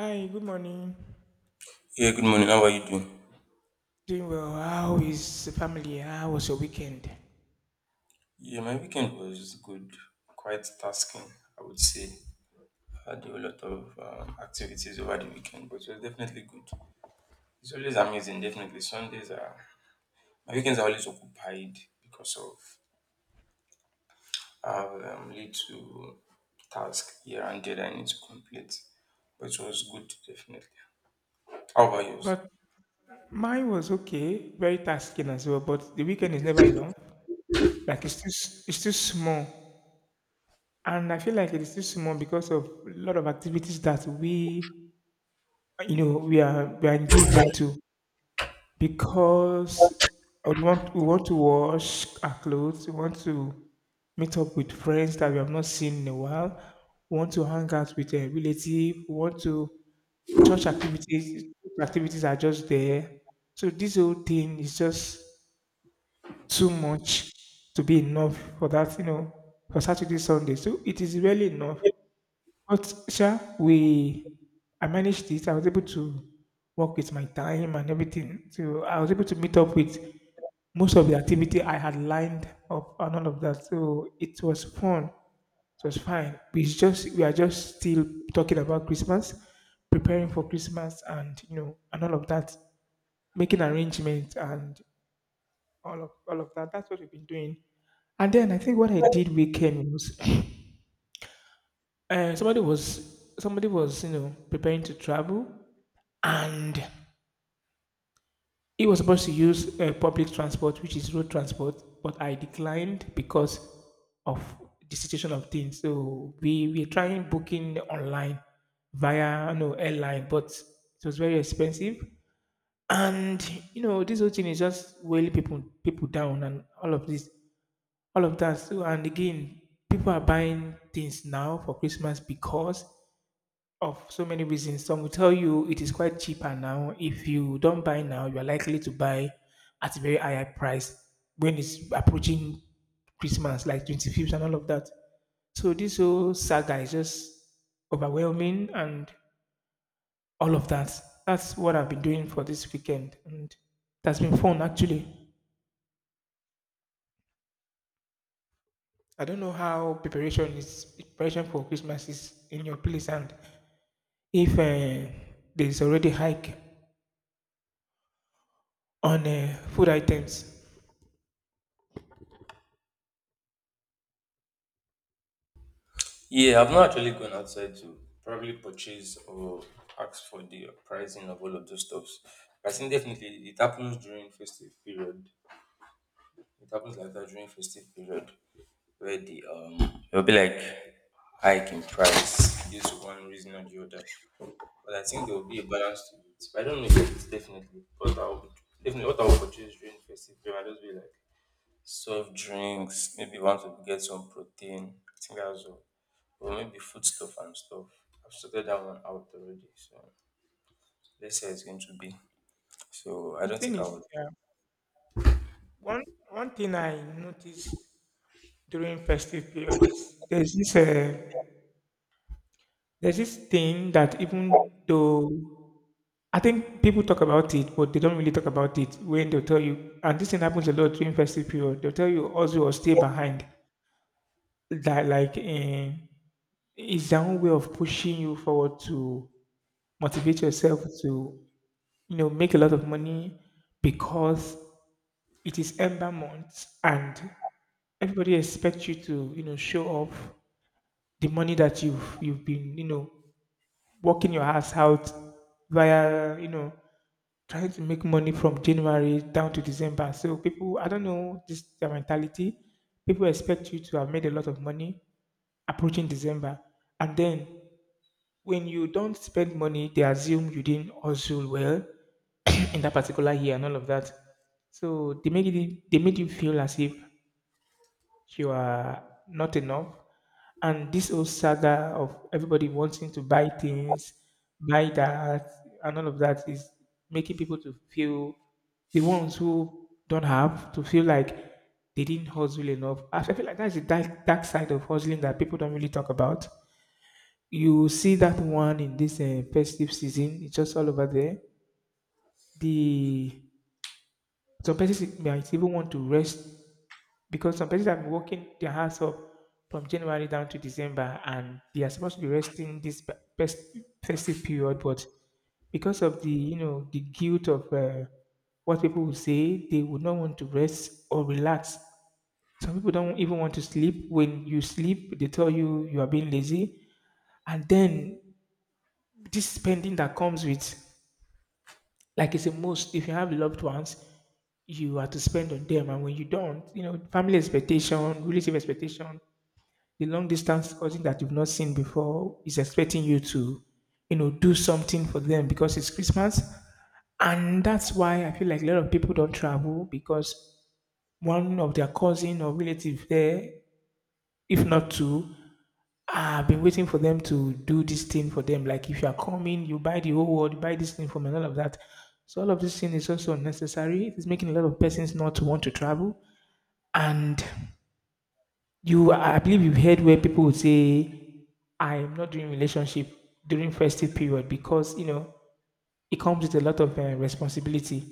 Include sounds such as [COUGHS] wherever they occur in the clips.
Hi, good morning. Yeah, good morning. How are you doing? Doing well. How is the family? How was your weekend? Yeah, my weekend was good, quite tasking, I would say. I had a lot of activities over the weekend, but it was definitely good. It's always amazing, definitely. Sundays are, my weekends are always occupied because of I have little task here and there that I need to complete, but it was good, definitely. How about yours? But mine was okay, very tasking as well. But the weekend is never enough. Like it's still small, and I feel like it is still small because of a lot of activities that we, you know, we are engaged into. Because we want to wash our clothes, we want to meet up with friends that we have not seen in a while, we want to hang out with a relative, we want to Church activities are just there. So this whole thing is just too much to be enough for that, you know, for Saturday, Sunday. So it is really enough. But sure, we I managed it. I was able to work with my time and everything. So I was able to meet up with most of the activity I had lined up and all of that. So it was fun. So it's fine. We are just still talking about Christmas, preparing for Christmas, and you know, and all of that, making arrangements and all of that. That's what we've been doing. And then I think what I did weekend was, [LAUGHS] [CLEARS THROAT] somebody was you know preparing to travel, and he was supposed to use public transport, which is road transport, but I declined because of the situation of things. So we trying booking online via you know, airline, but it was very expensive. And you know, this whole thing is just weighing people down and all of this, all of that. So and again, people are buying things now for Christmas because of so many reasons. Some will tell you it is quite cheaper now. If you don't buy now, you are likely to buy at a very higher price when it's approaching Christmas, like 25th and all of that. So this whole saga is just overwhelming and all of that. That's what I've been doing for this weekend, and that's been fun actually. I don't know how preparation for Christmas is in your place, and if there's already hike on food items. Yeah, I've not actually gone outside to probably purchase or ask for the pricing of all of those stuffs. I think definitely it happens during festive period. It happens like that during festive period where the it'll be like hike in price due to one reason or the other. But I think there will be a balance to it. But I don't know if it's definitely, but I'll definitely what I'll purchase during festive period. I'll just be like soft drinks, maybe want to get some protein. I think that's all. Or maybe food stuff and stuff. I've sorted that one out already. So let's say it's going to be. So I The don't thing think I is, would. yeah, one one thing I noticed during festive period is there's this thing that even though I think people talk about it, but they don't really talk about it when they'll tell you. And this thing happens a lot during festive period. They'll tell you also or stay behind. That like is their own way of pushing you forward to motivate yourself to you know make a lot of money because it is ember month and everybody expects you to, you know, show off the money that you've been, you know, working your ass out via, you know, trying to make money from January down to December. So people, I don't know this their mentality. People expect you to have made a lot of money approaching December, and then when you don't spend money, they assume you didn't hustle well [COUGHS] [CLEARS THROAT] in that particular year and all of that. So they make it, they made you feel as if you are not enough. And this whole saga of everybody wanting to buy things, buy that, and all of that is making people to feel the ones who don't have to feel like they didn't hustle enough. I feel like that's the dark, dark side of hustling that people don't really talk about. You see that one in this festive season, it's just all over there. The Some persons might even want to rest because some places have been working their hands up from January down to December, and they are supposed to be resting this festive period, but because of the you know the guilt of what people will say, they would not want to rest or relax. Some people don't even want to sleep. When you sleep, they tell you you are being lazy, and then this spending that comes with, like it's a must. If you have loved ones, you are to spend on them, and when you don't, you know, family expectation, relative expectation, the long distance cousin that you've not seen before is expecting you to, you know, do something for them because it's Christmas. And that's why I feel like a lot of people don't travel because one of their cousin or relative there, if not two, have been waiting for them to do this thing for them. Like if you are coming, you buy the whole world, you buy this thing for me, and all of that. So all of this thing is also unnecessary. It's making a lot of persons not to want to travel. And you, I believe you've heard where people would say I am not doing relationship during festive period because you know it comes with a lot of responsibility.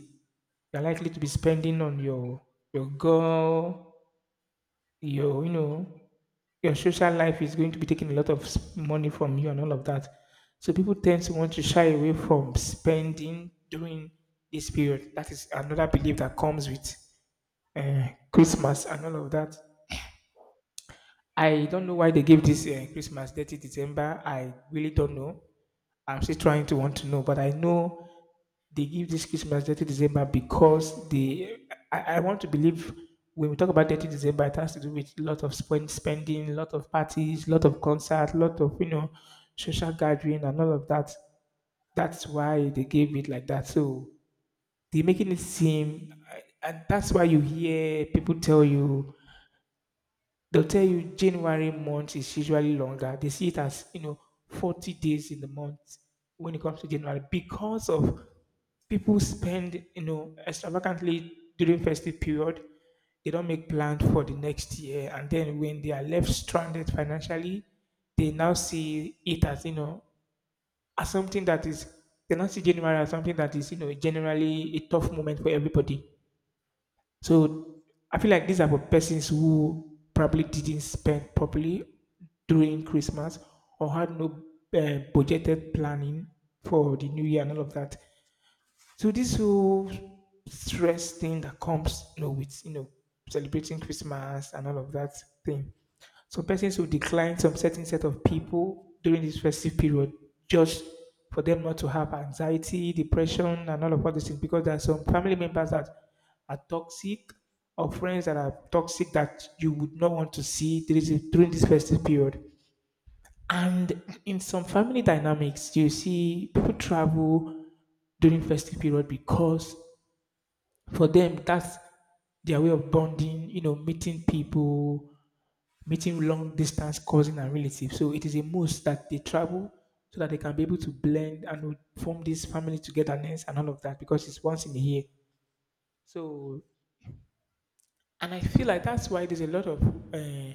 You're likely to be spending on your girl, your you know your social life is going to be taking a lot of money from you and all of that. So people tend to want to shy away from spending during this period. That is another belief that comes with Christmas and all of that. I don't know why they gave this Christmas 30 December. I really don't know. I'm still trying to want to know, but I know they give this Christmas 30 December because they. I want to believe when we talk about 30 December, it has to do with a lot of spend, spending, a lot of parties, a lot of concerts, a lot of you know social gathering and all of that. That's why they gave it like that. So they're making it seem, and that's why you hear people tell you they'll tell you January month is usually longer. They see it as, you know, 40 days in the month when it comes to January because of people spend, you know, extravagantly during festive period. They don't make plans for the next year. And then when they are left stranded financially, they now see it as, you know, as something that is, they now see January as something that is, you know, generally a tough moment for everybody. So I feel like these are for persons who probably didn't spend properly during Christmas or had no budgeted planning for the new year and all of that. So this whole stress thing that comes, you know, with you know celebrating Christmas and all of that thing. Some persons will decline some certain set of people during this festive period just for them not to have anxiety, depression, and all of other things because there are some family members that are toxic or friends that are toxic that you would not want to see during this festive period. And in some family dynamics, you see people travel during festive period because for them that's their way of bonding you know meeting people meeting long distance cousins and relatives, so it is a must that they travel so that they can be able to blend and form this family togetherness and all of that because it's once in a year. So and I feel like that's why there's a lot of uh,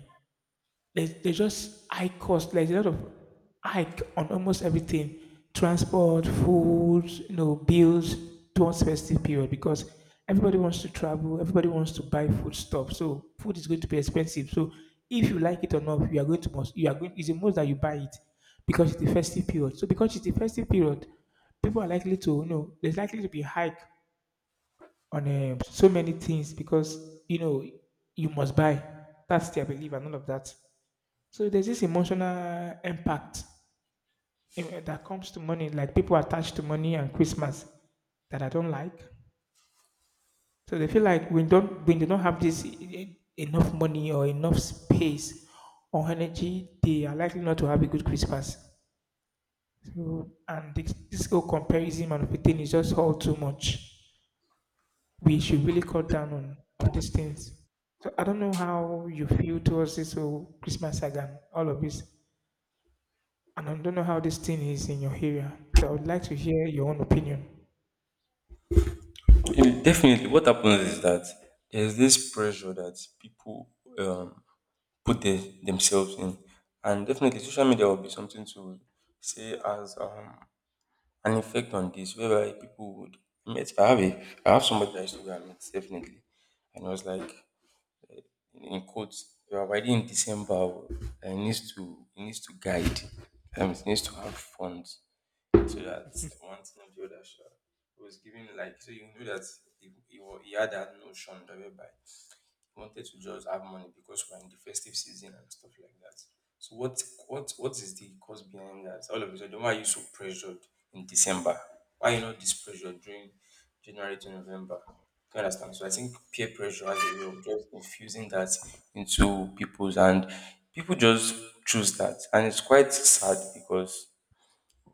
there's just high cost. Like, there's a lot of hike on almost everything. Transport, food, you know, bills towards festive period because everybody wants to travel, everybody wants to buy food stuff. So food is going to be expensive. So if you like it or not, you are going to must you are going it's the most that you buy it because it's the festive period. So because it's the festive period, people are likely to you know there's likely to be hike on so many things because you know you must buy. That's their belief and all of that. So there's this emotional impact that comes to money, like people attached to money and Christmas that I don't like. So they feel like we don't when they don't have this enough money or enough space or energy, they are likely not to have a good Christmas. So and this whole comparison and everything is just all too much. We should really cut down on these things. So I don't know how you feel towards this whole Christmas saga, and all of this. And I don't know how this thing is in your area. So I would like to hear your own opinion. Definitely, what happens is that there's this pressure that people um, put themselves in, and definitely social media will be something to say as an effect on this, whereby people would meet. I have somebody that I used to go and meet definitely, and I was like. In quotes, you are riding in December. It needs to guide. It needs to have funds so that one thing or the other shall. It was giving like so you knew that he had that notion whereby wanted to just have money because we're in the festive season and stuff like that. So what is the cause behind that? All of a sudden, why are you so pressured in December? Why are you not this pressured during January to November? Do you understand? So I think peer pressure has a way of just infusing that into people's and people just choose that. And it's quite sad because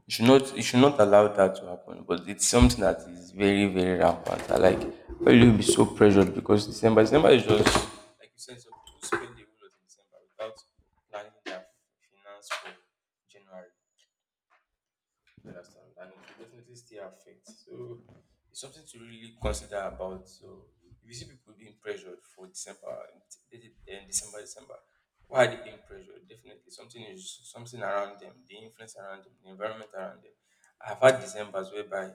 you should not allow that to happen. But it's something that is very, very rampant. I like why will you be so pressured because December is just like you said, some people spend the whole of December without planning their finance for January. You understand? And it will definitely still affect. So it's something to really consider about. So if you see people being pressured for December and December, why are they being pressured? Definitely something is something around them, the influence around them, the environment around them. I've had December's whereby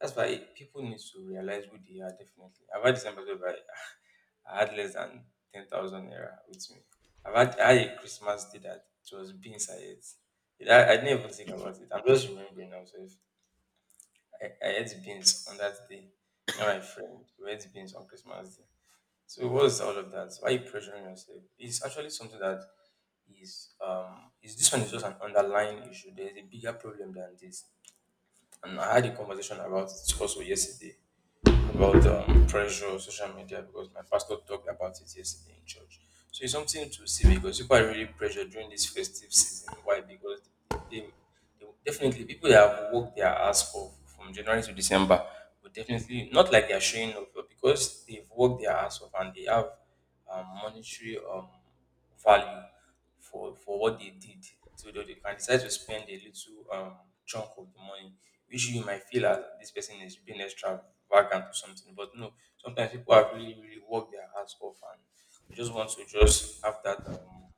that's why people need to realize who they are definitely. I've had December where [LAUGHS] I had less than 10,000 naira with me. I had a Christmas day that it was beans I ate. I didn't even think about it. I'm just remembering now. So if I ate beans on that day. Me and my friend we ate beans on Christmas day. So what is all of that? Why are you pressuring yourself? It's actually something that is this one is just an underlying issue. There's a bigger problem than this. And I had a conversation about it also yesterday about pressure on social media because my pastor talked about it yesterday in church. So it's something to see because people are really pressured during this festive season. Why? Because they, they definitely people that have worked their ass off from January to December would definitely not like they are showing off, but because they've worked their ass off and they have monetary value for what they did so they can decide to spend a little chunk of the money which you might feel as this person is being extravagant or something but no sometimes people have really really worked their hearts off and they just want to just have that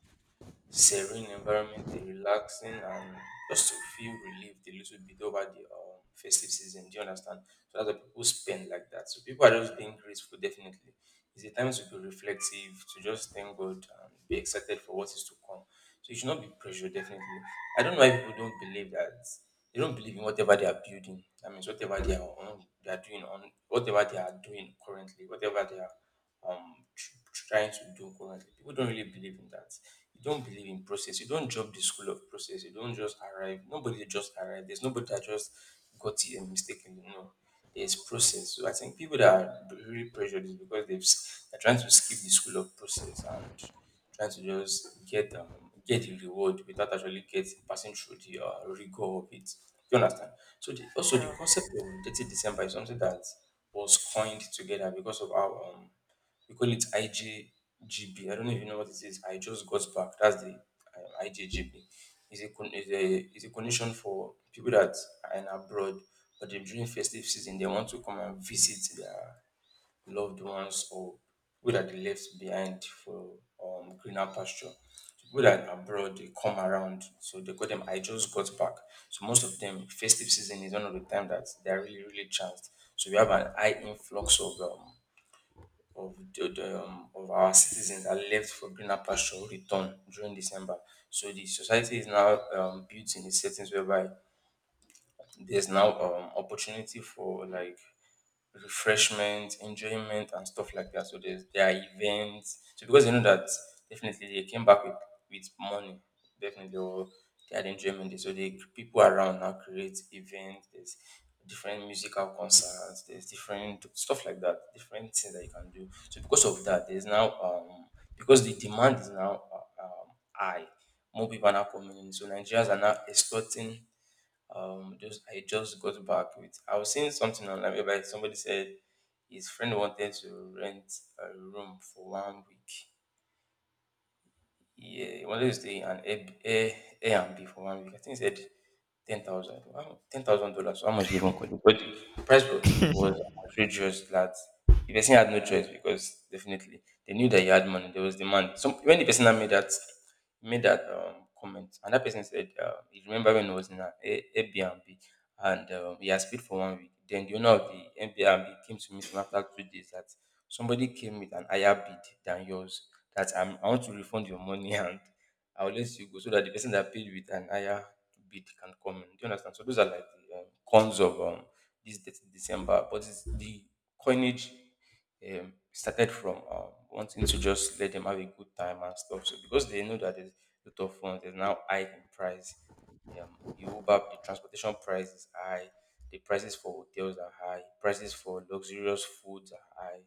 serene environment, a relaxing and just to feel relieved a little bit over the festive season. Do you understand? So that's what people spend like that. So people are just being grateful, definitely. It's a time to be reflective, to just thank God and be excited for what is to come. So you should not be pressured, definitely. I don't know why people don't believe that. They don't believe in whatever they are building. That means whatever they are on, they are doing on, whatever they are doing currently, whatever they are trying to do currently. People don't really believe in that. You don't believe in process. You don't drop the school of process. You don't just arrive. Nobody just arrived. There's nobody that just got it and mistakenly. No, there's process. So I think people that are really pressured is because they're trying to skip the school of process and trying to just get the reward without actually get passing through the rigor of it. You understand? So the, also the Yeah. concept of 30 December is something that was coined together because of our we call it IJGB. I don't know if you know what it is. I just got back. That's the IJGB. It's a condition for people that are in abroad, but they- during festive season they want to come and visit their loved ones or people that they left behind for greener pasture. So people that are abroad they come around, so they call them. I just got back. So most of them festive season is one of the time that they are really really chanced. So we have an high influx of of our citizens are left for greener pasture or return during December. So the society is now built in a settings whereby there's now opportunity for like refreshment, enjoyment, and stuff like that. So there are events. So because you know that definitely they came back with money, definitely or they had enjoyment. So the people around now create events. There's different musical concerts. There's different stuff like that. Different things that you can do. So because of that, there's now because the demand is now high. More people are now coming in. So Nigerians are now exporting just I just got back with. I was seeing something online whereby somebody said his friend wanted to rent a room for one week, yeah, he wanted to stay in an Airbnb for one week. I think he said ten thousand, $10,000. How much did he even call it? But the price [LAUGHS] was outrageous. That the person had no choice because definitely they knew that he had money. There was demand. So when the person that made that comment, and that person said, "You remember when he was in an Airbnb and he has paid for one week." Then the owner of the Airbnb came to meet him after 2 days that somebody came with an higher bid than yours that I want to refund your money [LAUGHS] and I'll let you go so that the person that paid with an higher bid can come in. Do you understand? So those are like the cons of this date December, but it's the coinage started from wanting to just let them have a good time and stuff. So because they know that there's a lot of funds, there's now high in price. The Uber, the transportation price is high. The prices for hotels are high. Prices for luxurious foods are high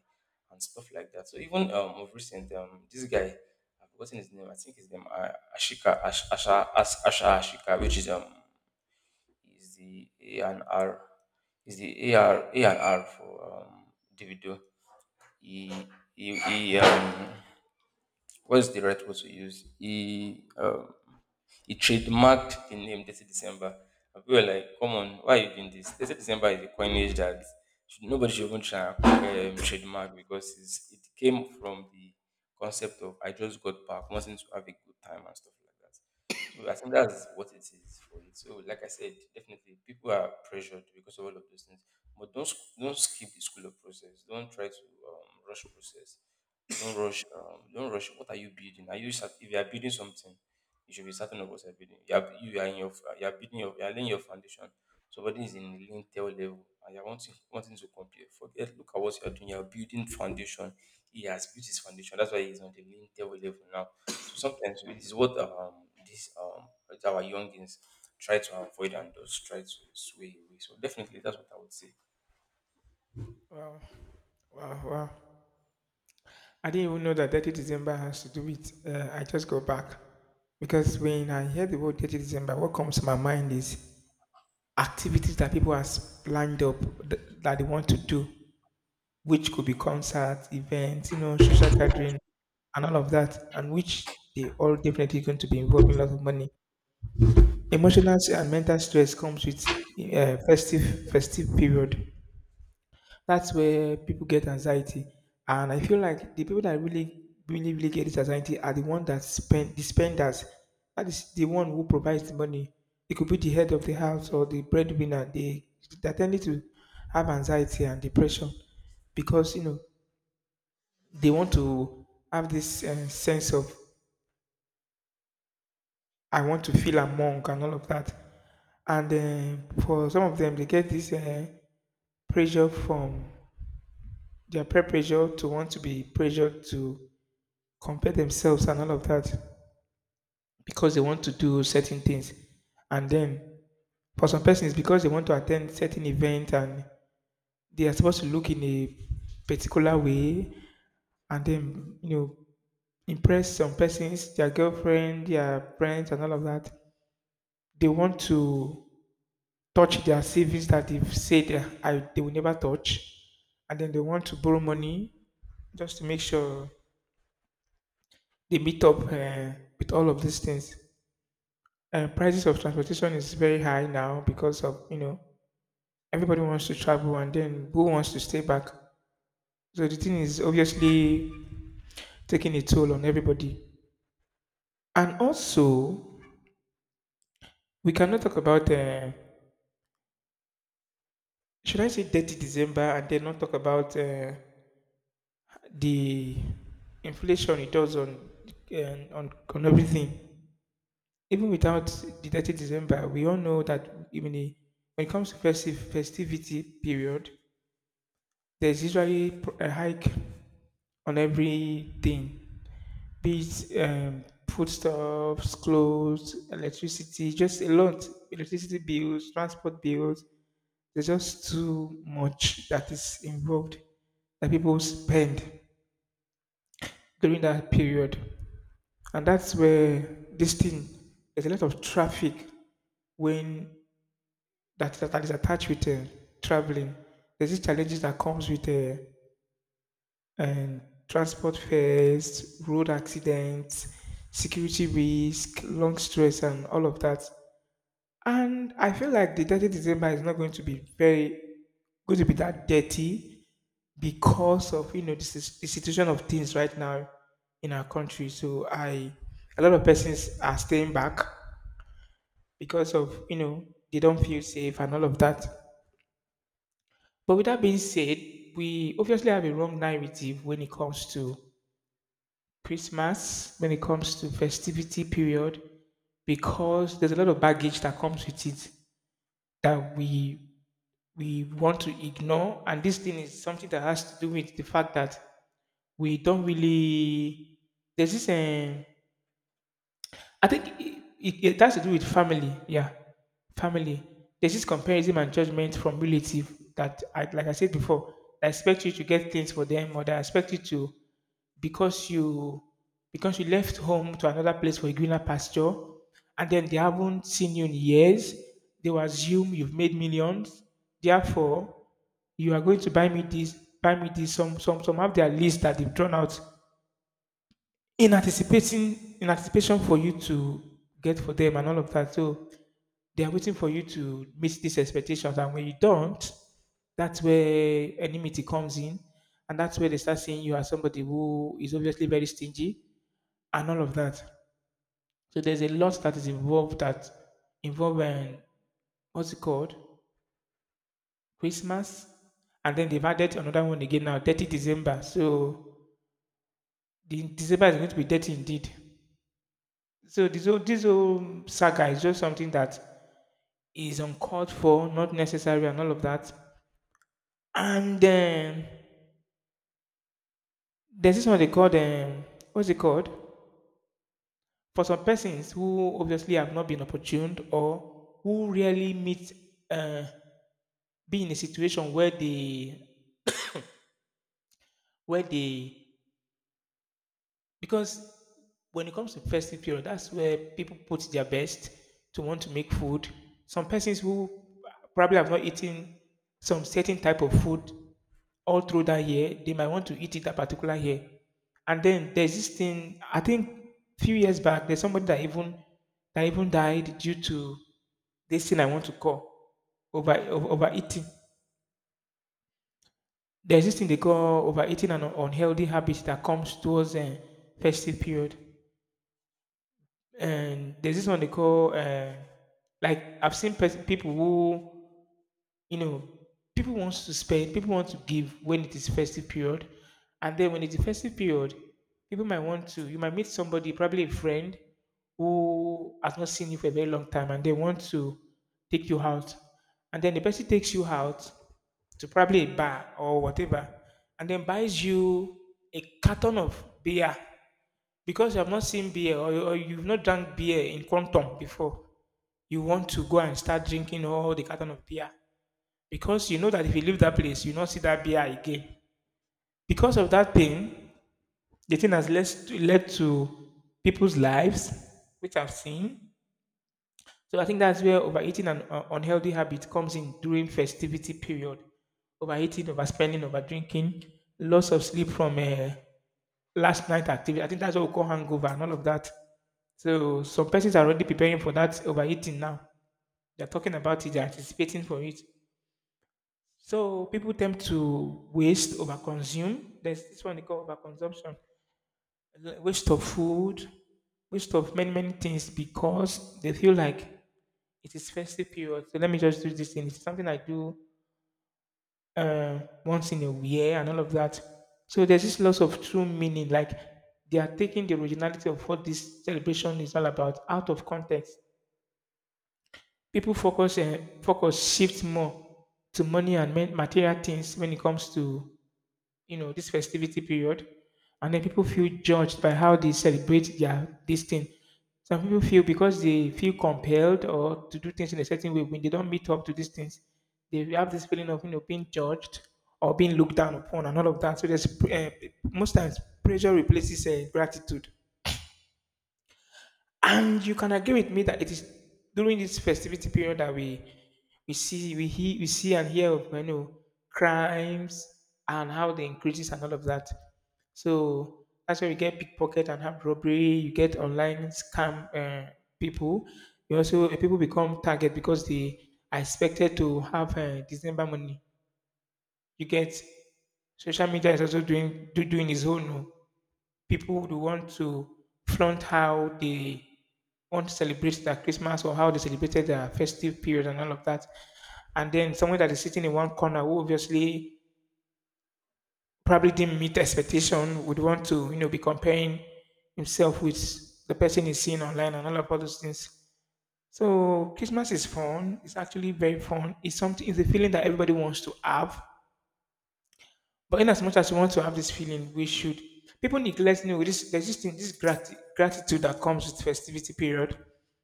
and stuff like that. So even of recent this guy I've forgotten his name. I think his name Ashika Ash, Asha Ash, Asha Ashika, which is the A and R is the AR and R for Davido. He he, he um what's the right word to use? He trademarked the name 30 December. And people were like, come on, why are you doing this? 30 December is a coinage that should, nobody should even try and trademark because it came from the concept of I just got back, wanting to have a good time and stuff like that. So I think that's what it is for it. So like I said, definitely people are pressured because of all of those things. But don't skip the school of process. Don't try to rush process. Don't rush. Don't rush. What are you building? If you are building something? You should be certain of what you're building. You are in your you are laying your foundation. Somebody is in lintel level and you're wanting to compare. Forget look at what you're doing. You're building foundation. He has built his foundation. That's why he's on the lintel level now. So sometimes it is what this our youngins try to avoid and just try to sway away. So definitely that's what I would say. Wow, wow. I didn't even know that 30 December has to do with. I just go back. Because when I hear the word 30th December, what comes to my mind is activities that people has lined up that they want to do, which could be concerts, events, you know, social gathering, and all of that, and which they all definitely going to be involving a lot of money. Emotional and mental stress comes with festive period. That's where people get anxiety. And I feel like the people that really, really, really get this anxiety are the one that spend the spenders. That is the one who provides the money. It could be the head of the house or the breadwinner. They tend to have anxiety and depression because you know they want to have this sense of I want to feel among and all of that. And for some of them, they get this pressure from their peer pressure to want to be pressured to compare themselves and all of that because they want to do certain things. And then for some persons, because they want to attend certain events and they are supposed to look in a particular way and then you know impress some persons, their girlfriend, their friends, and all of that. They want to touch their savings that they've said they will never touch, and then they want to borrow money just to make sure they meet up with all of these things. Prices of transportation is very high now because of you know everybody wants to travel and then who wants to stay back, so the thing is obviously taking a toll on everybody. And also we cannot talk about should I say dirty December and then not talk about the inflation it does on, uh, on everything. Even without the dirty December, we all know that when it comes to festive festivity period, there's usually a hike on everything, be it foodstuffs, clothes, electricity, just a lot. Electricity bills, transport bills. There's just too much that is involved that people spend during that period. And that's where this thing, there's a lot of traffic when that is attached with traveling. There's these challenges that comes with and transport fares, road accidents, security risk, long stress, and all of that. And I feel like the 30th December is not going to be very going to be that dirty because of you know this is the situation of things right now in our country. So I, a lot of persons are staying back because of you know they don't feel safe and all of that. But with that being said, we obviously have a wrong narrative when it comes to Christmas, when it comes to festivity period, because there's a lot of baggage that comes with it that we want to ignore. And this thing is something that has to do with the fact that we don't really, there's this I think it has to do with family, yeah, family. There's this comparison and judgment from relative that like I said before, I expect you to get things for them, or they expect you to, because you because you left home to another place for a greener pasture, and then they haven't seen you in years, they will assume you've made millions. Therefore, you are going to buy me this, buy me this. Some have their list that they've drawn out in anticipation for you to get for them and all of that. So they are waiting for you to meet these expectations, and when you don't, that's where enmity comes in, and that's where they start seeing you as somebody who is obviously very stingy and all of that. So there's a lot that is involved that involve what's it called? Christmas, and then they've added another one again now, 30th December. So the December is going to be dirty indeed. So this whole saga is just something that is uncalled for, not necessary, and all of that. And then there's this one they call what's it called? For some persons who obviously have not been opportuned or who rarely meet uh, be in a situation where they, because when it comes to festive period, that's where people put their best to want to make food. Some persons who probably have not eaten some certain type of food all through that year, they might want to eat it that particular year. And then there's this thing, I think few years back, there's somebody that even died due to this thing I want to call overeating. There's this thing they call overeating and unhealthy habits that comes towards festive period. And there's this one they call like I've seen people who you know people wants to spend, people want to give when it is festive period. And then when it's a festive period, people might want to, you might meet somebody, probably a friend who has not seen you for a very long time, and they want to take you out. And then the person takes you out to probably a bar or whatever, and then buys you a carton of beer. Because you have not seen beer, or you've not drank beer in quantum before, you want to go and start drinking all the carton of beer because you know that if you leave that place, you not see that beer again. Because of that pain, the thing has led to people's lives, which I've seen. So I think that's where overeating and unhealthy habit comes in during festivity period. Overeating, overspending, overdrinking, loss of sleep from last night activity. I think that's what we call hangover and all of that. So some persons are already preparing for that overeating now. They're talking about it, they're anticipating for it. So people tend to waste, overconsume. There's this one they call overconsumption, waste of food, waste of many many things because they feel like it is festive period. So let me just do this thing. It's something I do uh, once in a year and all of that. So there's this loss of true meaning. Like they are taking the originality of what this celebration is all about out of context. People focus and focus shift more to money and material things when it comes to you know this festivity period. And then people feel judged by how they celebrate their this thing. Some people feel, because they feel compelled or to do things in a certain way, when they don't meet up to these things, they have this feeling of you know being judged or being looked down upon and all of that. So there's most times pressure replaces gratitude. And you can agree with me that it is during this festivity period that we hear, we see and hear of you know crimes and how they increases and all of that. So that's where we get pickpocket and have robbery. You get online scam people. You also people become target because they are expected to have December money. You get social media is also doing its own. Oh, people would want to flaunt how they want to celebrate their Christmas or how they celebrated their festive period and all of that. And then someone that is sitting in one corner, who obviously probably didn't meet expectation, would want to, you know, be comparing himself with the person he's seeing online and all of all those things. So Christmas is fun. It's actually very fun. It's something, it's a feeling that everybody wants to have. But in as much as we want to have this feeling, we should. People neglect, no, this, there's this thing, this gratitude that comes with festivity period.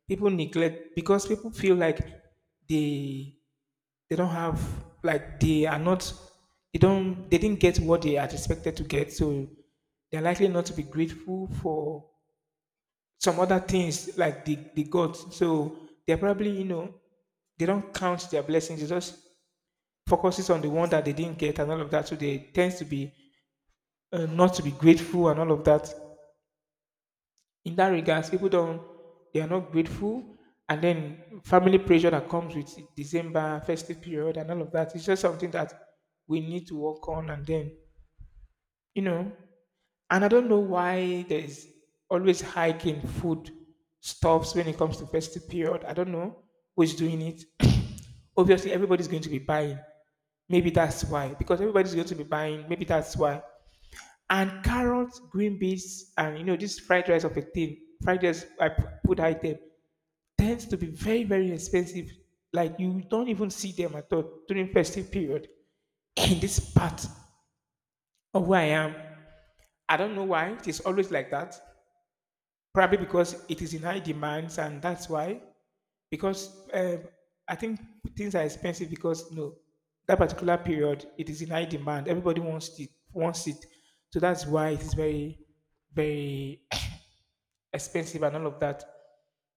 People neglect because people feel like they they don't have, like they are not, they didn't get what they are expected to get, so they're likely not to be grateful for some other things like the gods. So they're probably, you know, they don't count their blessings. They just focuses on the one that they didn't get and all of that. So they tends to be not to be grateful and all of that. In that regards, people don't, they are not grateful, and then family pressure that comes with December festive period and all of that. It's just something that we need to work on, and then you know. And I don't know why there is always hiking food stuffs when it comes to festive period. I don't know who's doing it. [COUGHS] Obviously, everybody's going to be buying. Maybe that's why, because everybody's going to be buying. Maybe that's why. And carrots, green beans, and you know this fried rice of a thing, fried rice put item, tends to be very very expensive. Like you don't even see them at all during festive period. In this part of where I am, I don't know why it is always like that. Probably because it is in high demands, and that's why. Because I think things are expensive because you know that particular period it is in high demand. Everybody wants it, so that's why it is very very expensive and all of that.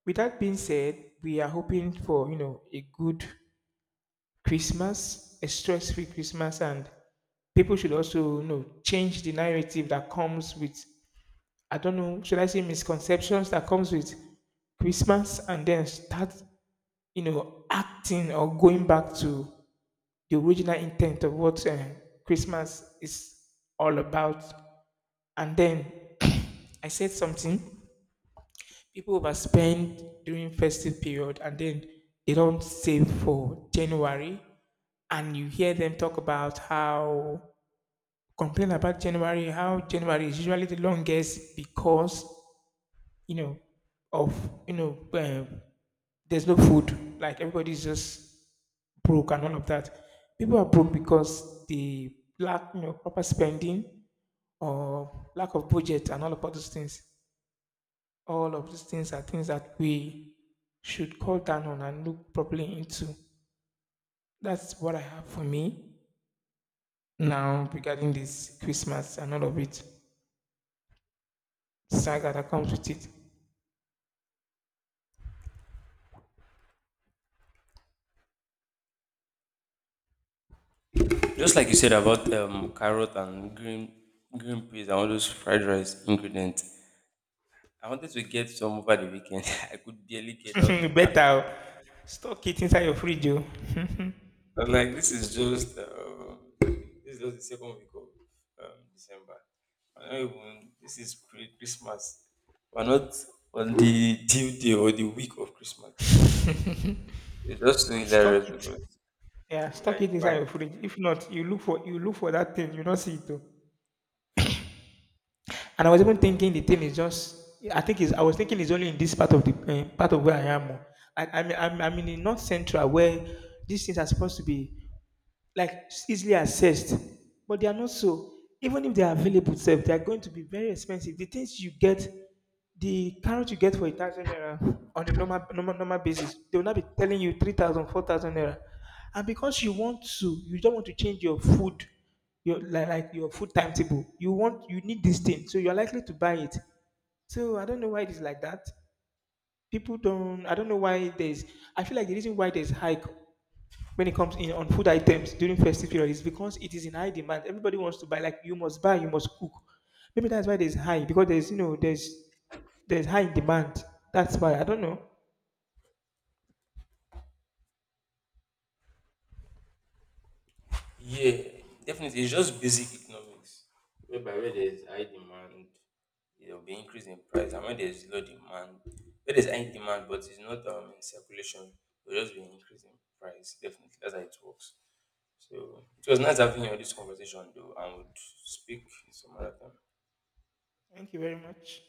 With that being said, we are hoping for you know a good Christmas, a stress-free Christmas. And people should also you know change the narrative that comes with, I don't know, should I say misconceptions that comes with Christmas, and then start you know acting or going back to the original intent of what Christmas is all about. And then [CLEARS THROAT] I said something. People overspend during festive period and then they don't save for January. And you hear them talk about how, complain about January, how January is usually the longest because you know of you know there's no food, like everybody's just broke and all of that. People are broke because they lack you know proper spending or lack of budget and all of all those things. All of these things are things that we should call down on and look properly into. That's what I have for me now regarding this Christmas and all of it. Saga that comes with Just like you said about carrot and green peas and all those fried rice ingredients I wanted to get some over the weekend. [LAUGHS] I could barely get. I was like, it. [LAUGHS] ah. Better oh. Stock it inside your fridge. Oh. [LAUGHS] I was like, this is just the second week of December. I don't even. This is pre Christmas. We're not on the due day or the week of Christmas. Definitely, it's just so Stock hilarious it. because Yeah, I'm stock like, it inside why? your fridge. If not, you look for, you look for that thing, you don't see it. Oh. And I was even thinking the thing is just, I think it's, I was thinking it's only in this part of the part of where I am. Oh. I'm in the north central where these things are supposed to be like easily accessed, but they are not so. Even if they are available, self, they are going to be very expensive. The things you get, the carrot you get for 1,000 naira on a normal, normal basis, they will not be telling you 3,000, 4,000 naira. And because you don't want to change your food, like your food timetable. You want, you need this thing, so you're likely to buy it. So I don't know why it is like that. People don't. I don't know why there's. I feel like the reason why there's hike when it comes in on food items during festive period is because it is in high demand. Everybody wants to buy. Like you must buy, you must cook. Maybe that's why there's high, because there's you know there's high demand. That's why, I don't know. Yeah, definitely. It's just basic economics, whereby where there's high demand, there will be increase in price, and when there's low demand, where there's high demand but it's not in circulation, there'll just be an increase in price. Definitely, that's how it works. So it was nice having you on this conversation, though, and would speak some other time. Thank you very much.